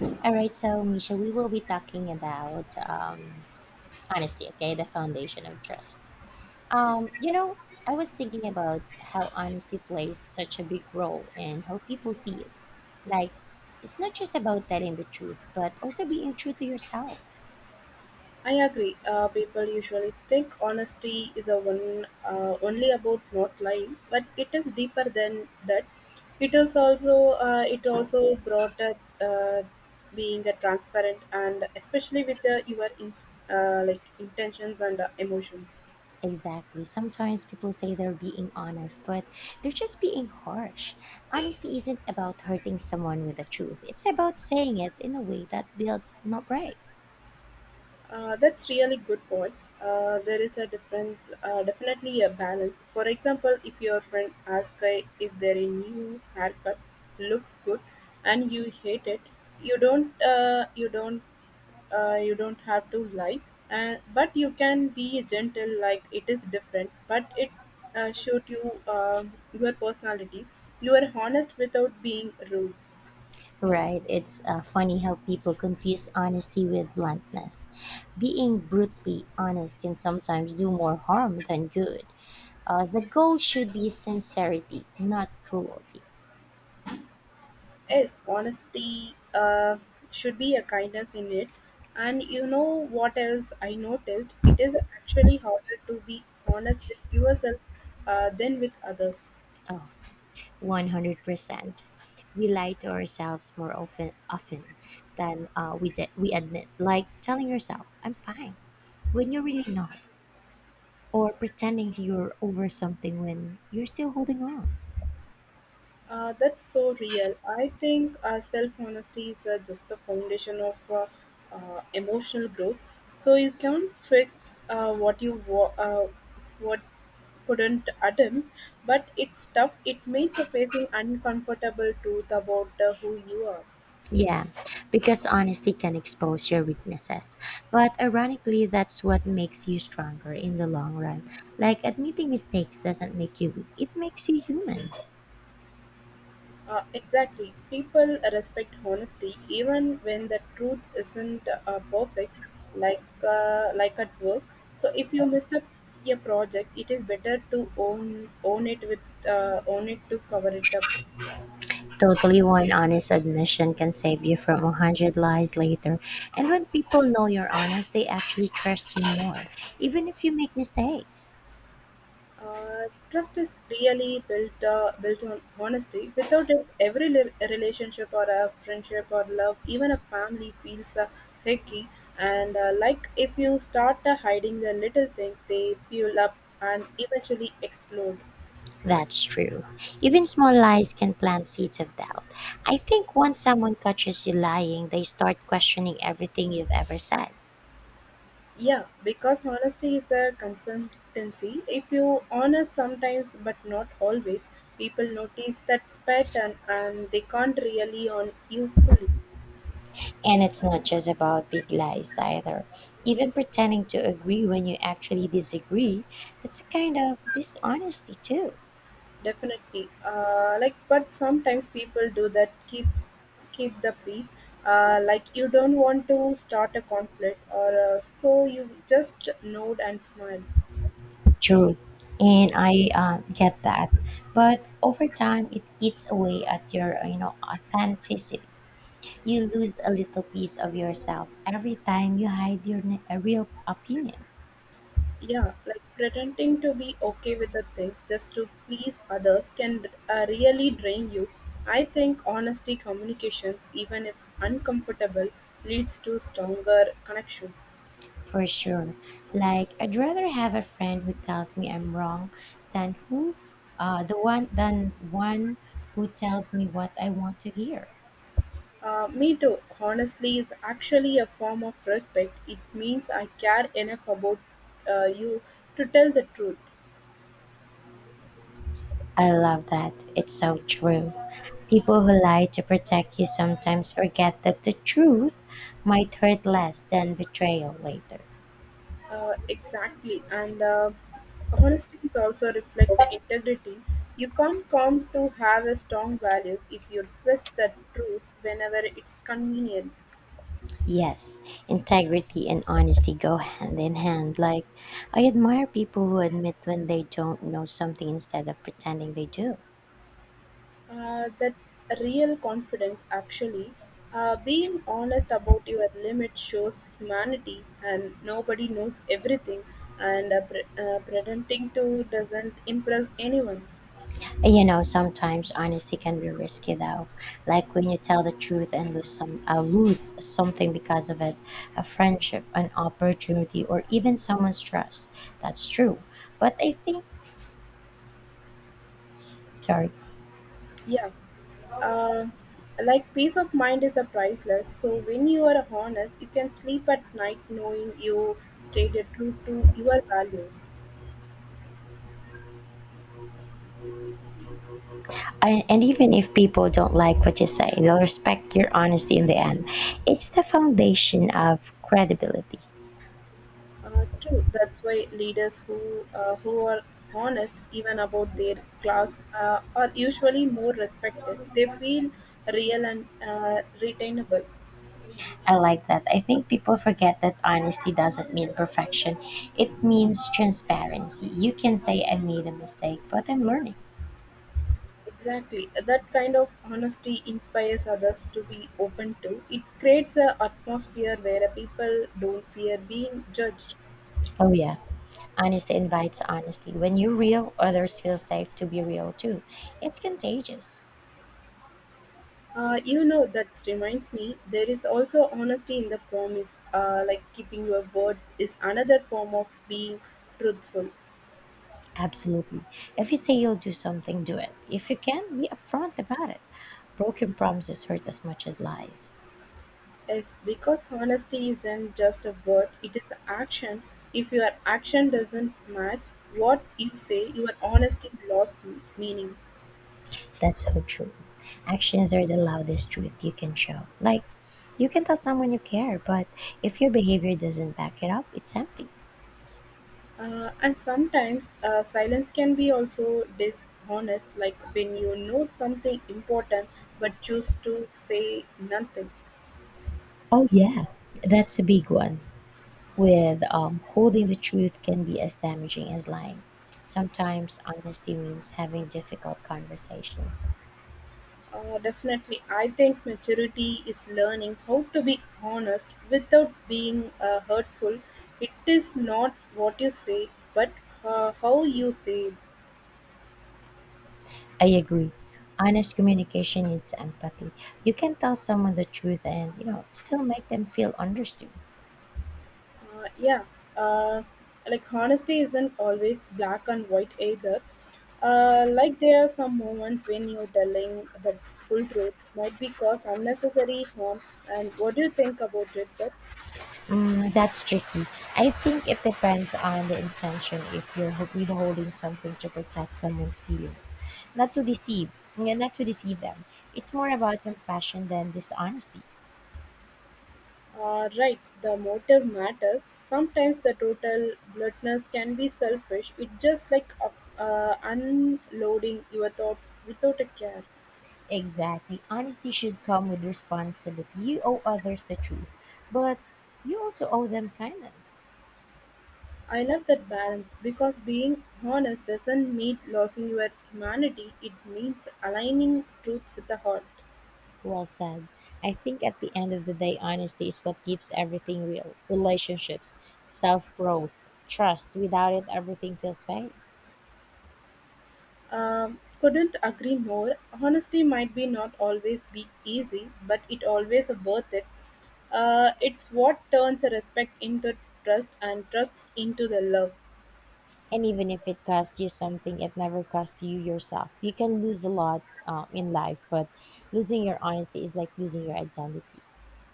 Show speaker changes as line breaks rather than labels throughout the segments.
All right, so Misha, we will be talking about honesty, okay, the foundation of trust. Um, you know, I was thinking about how honesty plays such a big role in how people see you. Like, it's not just about telling the truth, but also being true to yourself.
I agree. People usually think honesty is a one only about not lying, but it is deeper than that. It is also it also brought up being a transparent and especially with your like intentions and emotions.
Exactly. Sometimes people say they're being honest, but they're just being harsh. Honesty isn't about hurting someone with the truth, it's about saying it in a way that builds, not breaks.
That's really good point. There is a difference, definitely a balance. For example, if your friend asks if their new haircut looks good and you hate it, you don't, uh, you don't, you don't have to lie. And but you can be gentle, like it is different, but it showed you your personality. You are honest without being rude.
Right. It's funny how people confuse honesty with bluntness. Being brutally honest can sometimes do more harm than good. The goal should be sincerity, not cruelty.
Yes, honesty should be a kindness in it. And you know what else I noticed? It is actually harder to be honest with yourself than with others.
Oh, 100%. We lie to ourselves more often than we admit, like telling yourself, I'm fine, when you're really not, or pretending you're over something when you're still holding on.
That's so real. I think self honesty is just the foundation of emotional growth. So you can't fix what couldn't attempt, but it's tough. It makes a facing uncomfortable truth about who you are.
Yeah, because honesty can expose your weaknesses. But ironically, that's what makes you stronger in the long run. Like admitting mistakes doesn't make you weak, it makes you human.
Exactly. People respect honesty even when the truth isn't perfect, like at work. So if you miss up a project, it is better to own it with own it to cover it up.
Totally, one honest admission can save you from a hundred lies later. And when people know you're honest, they actually trust you more, even if you make mistakes.
Trust is really built on honesty. Without it, every relationship or a friendship or love, even a family, feels hicky. And like if you start hiding the little things, they fuel up and eventually explode.
That's true. Even small lies can plant seeds of doubt. I think once someone catches you lying, they start questioning everything you've ever said.
Yeah, because honesty is a consistency. If you honest sometimes but not always, people notice that pattern and they can't really on you fully.
And it's not just about big lies either. Even pretending to agree when you actually disagree, that's a kind of dishonesty too.
Definitely. But sometimes people do that. Keep the peace. Like you don't want to start a conflict, or so you just nod and smile.
True. And I get that. But over time, it eats away at your, authenticity. You lose a little piece of yourself every time you hide your a real opinion.
Yeah, like pretending to be okay with the things just to please others can really drain you. I think honesty communications, even if uncomfortable, leads to stronger connections.
For sure. Like I'd rather have a friend who tells me I'm wrong than who the one than one who tells me what I want to hear.
Me too. Honestly, it's actually a form of respect. It means I care enough about you to tell the truth.
I love that. It's so true. People who lie to protect you sometimes forget that the truth might hurt less than betrayal later.
Exactly. And honesty is also reflect integrity. You can't come to have a strong values if you twist the truth whenever it's convenient.
Yes, integrity and honesty go hand in hand. Like, I admire people who admit when they don't know something instead of pretending they do.
That's real confidence, actually. Being honest about your limits shows humanity, and nobody knows everything, and pretending to doesn't impress anyone.
You know, sometimes honesty can be risky though. Like when you tell the truth and lose something because of it, a friendship, an opportunity, or even someone's trust. That's true. But I think sorry.
Yeah. Uh, like peace of mind is a priceless. So when you are honest, you can sleep at night knowing you stayed true to your values.
I, and even if people don't like what you say, they'll respect your honesty in the end. It's the foundation of credibility.
True. That's why leaders who are honest even about their class are usually more respected. They feel real and retainable.
I like that. I think people forget that honesty doesn't mean perfection. It means transparency. You can say I made a mistake, but I'm learning.
Exactly. That kind of honesty inspires others to be open to. It creates an atmosphere where people don't fear being judged.
Oh yeah. Honesty invites honesty. When you're real, others feel safe to be real too. It's contagious.
You know, that reminds me, there is also honesty in the promise. Like keeping your word is another form of being truthful.
Absolutely. If you say you'll do something, do it. If you can, be upfront about it. Broken promises hurt as much as lies.
Yes, because honesty isn't just a word, it is an action. If your action doesn't match what you say, your honesty lost meaning.
That's so true. Actions are the loudest truth you can show. Like, you can tell someone you care, but if your behavior doesn't back it up, it's empty.
And sometimes silence can be also dishonest, like when you know something important but choose to say nothing.
Oh, yeah, that's a big one. With holding the truth can be as damaging as lying. Sometimes honesty means having difficult conversations.
Definitely, I think maturity is learning how to be honest without being hurtful. It is not what you say, but how you say it.
I agree. Honest communication needs empathy. You can tell someone the truth and, still make them feel understood.
Uh, yeah, uh, like honesty isn't always black and white either. Like there are some moments when you're telling the full truth might be cause unnecessary harm. And what do you think about it? That
Mm, that's tricky. I think it depends on the intention. If you're withholding something to protect someone's feelings, not to deceive, yeah, not to deceive them. It's more about compassion than dishonesty.
Right, the motive matters. Sometimes the total bluntness can be selfish. It's just like unloading your thoughts without a care.
Exactly. Honesty should come with responsibility. You owe others the truth, but you also owe them kindness.
I love that balance because being honest doesn't mean losing your humanity, it means aligning truth with the heart.
Well said. I think at the end of the day, honesty is what keeps everything real: relationships, self growth, trust. Without it, everything feels fake.
Couldn't agree more. Honesty might be not always be easy, but it always worth it. It's what turns a respect into trust and trust into the love.
And even if it costs you something, it never costs you yourself. You can lose a lot in life, but losing your honesty is like losing your identity.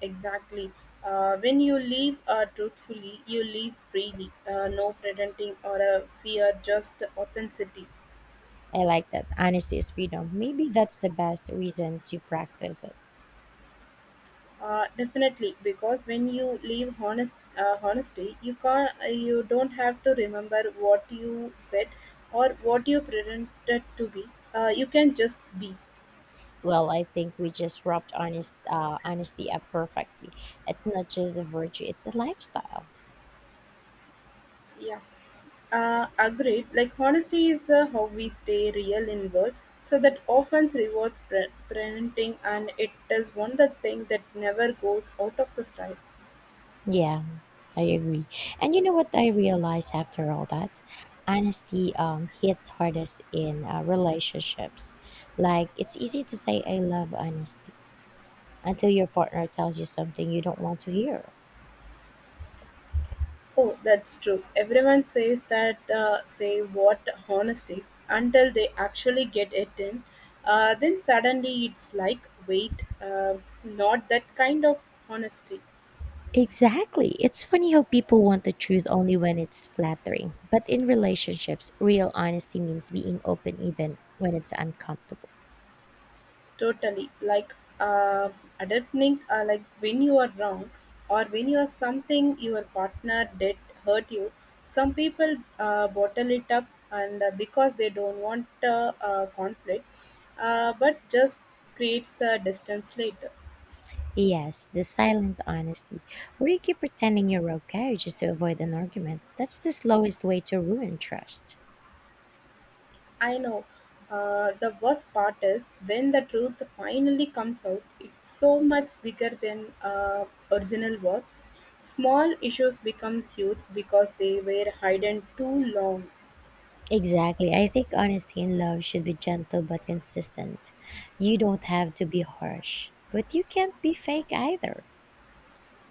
Exactly. When you live truthfully, you live freely. No pretending or a fear, just authenticity.
I like that. Honesty is freedom. Maybe that's the best reason to practice it.
Definitely, because when you leave honesty, you can not you don't have to remember what you said or what you pretended to be. You can just be.
Well, I think we just wrapped honesty up perfectly. It's not just a virtue; it's a lifestyle.
Yeah, agreed. Like honesty is how we stay real in world. So that often rewards presenting, and it is one the thing that never goes out of the style.
Yeah, I agree. And you know what I realized after all that, honesty hits hardest in relationships. Like it's easy to say I love honesty until your partner tells you something you don't want to hear.
Oh, that's true. Everyone says that, say what honesty, until they actually get it in. Then suddenly it's like, wait, not that kind of honesty.
Exactly. It's funny how people want the truth only when it's flattering. But in relationships, real honesty means being open even when it's uncomfortable.
Totally. Like uh, admitting, like when you are wrong or when you are something your partner did hurt you. Some people bottle it up and because they don't want conflict, but just creates a distance later.
Yes, the silent honesty, where you keep pretending you're okay just to avoid an argument. That's the slowest way to ruin trust.
I know. The worst part is when the truth finally comes out, it's so much bigger than original was. Small issues become huge because they were hidden too long.
Exactly. I think honesty in love should be gentle but consistent. You don't have to be harsh, but you can't be fake either.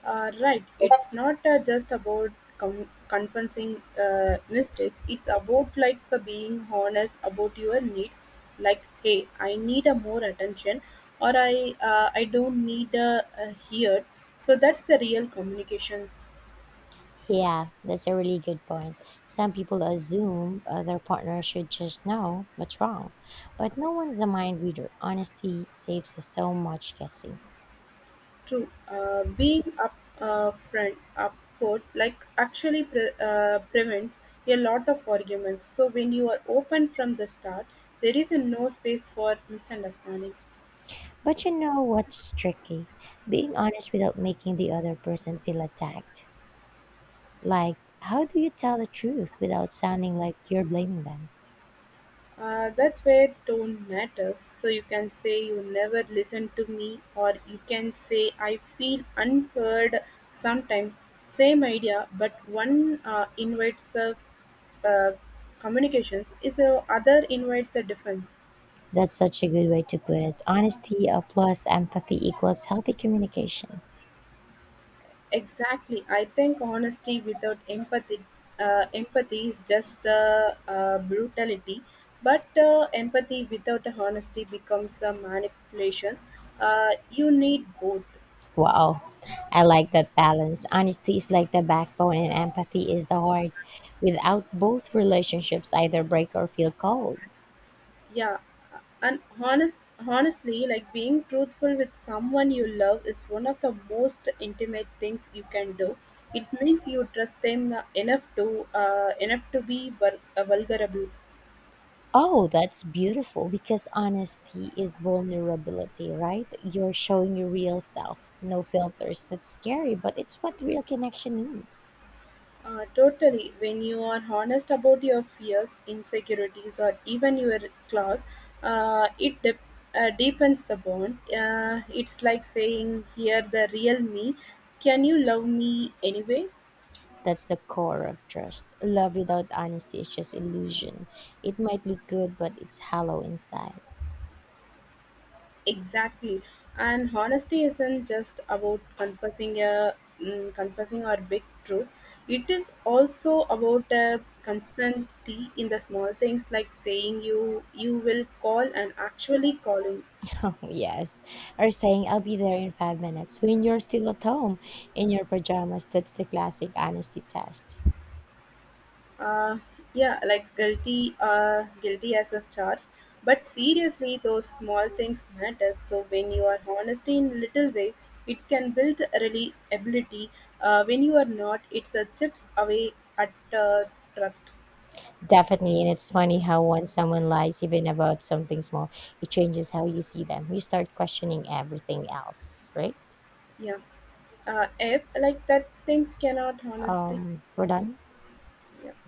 Right, it's not just about confessing mistakes, it's about like being honest about your needs. Like, hey, I need a more attention, or I don't need a here. So that's the real communications.
Yeah, that's a really good point. Some people assume their partner should just know what's wrong, but no one's a mind reader. Honesty saves us so much guessing.
True, up front like actually prevents a lot of arguments. So when you are open from the start, there is a no space for misunderstanding.
But you know what's tricky? Being honest without making the other person feel attacked. Like, how do you tell the truth without sounding like you're blaming them?
That's where tone matters. So you can say you never listen to me, or you can say I feel unheard sometimes. Same idea, but one invites a uh, communications is a other invites a defense.
That's such a good way to put it. Honesty plus empathy equals healthy communication.
Exactly. I think honesty without empathy, empathy is just brutality. But empathy without honesty becomes manipulations. You need both.
Wow, I like that balance. Honesty is like the backbone, and empathy is the heart. Without both, relationships either break or feel cold.
Yeah, and honestly, like being truthful with someone you love is one of the most intimate things you can do. It means you trust them enough to be vulnerable.
Oh, that's beautiful because honesty is vulnerability, right? You're showing your real self, no filters. That's scary, but it's what real connection needs.
Totally. When you are honest about your fears, insecurities, or even your class, it dep deepens the bond. It's like saying, here, the real me. Can you love me anyway?
That's the core of trust. Love without honesty is just illusion. It might look good, but it's hollow inside.
Exactly. And honesty isn't just about confessing our big truth. It is also about a consent in the small things like saying you will call and actually calling.
Oh, yes. Or saying, I'll be there in 5 minutes when you're still at home in your pajamas. That's the classic honesty test.
Uh yeah like guilty uh guilty as a charge, but seriously those small things matter, so when you are honest in little way it can build really ability. When you are not it's a chips away at trust.
Definitely. And it's funny how once someone lies, even about something small, it changes how you see them. You start questioning everything else, right?
Yeah. If like that things cannot honesty.
We're done.
Yeah.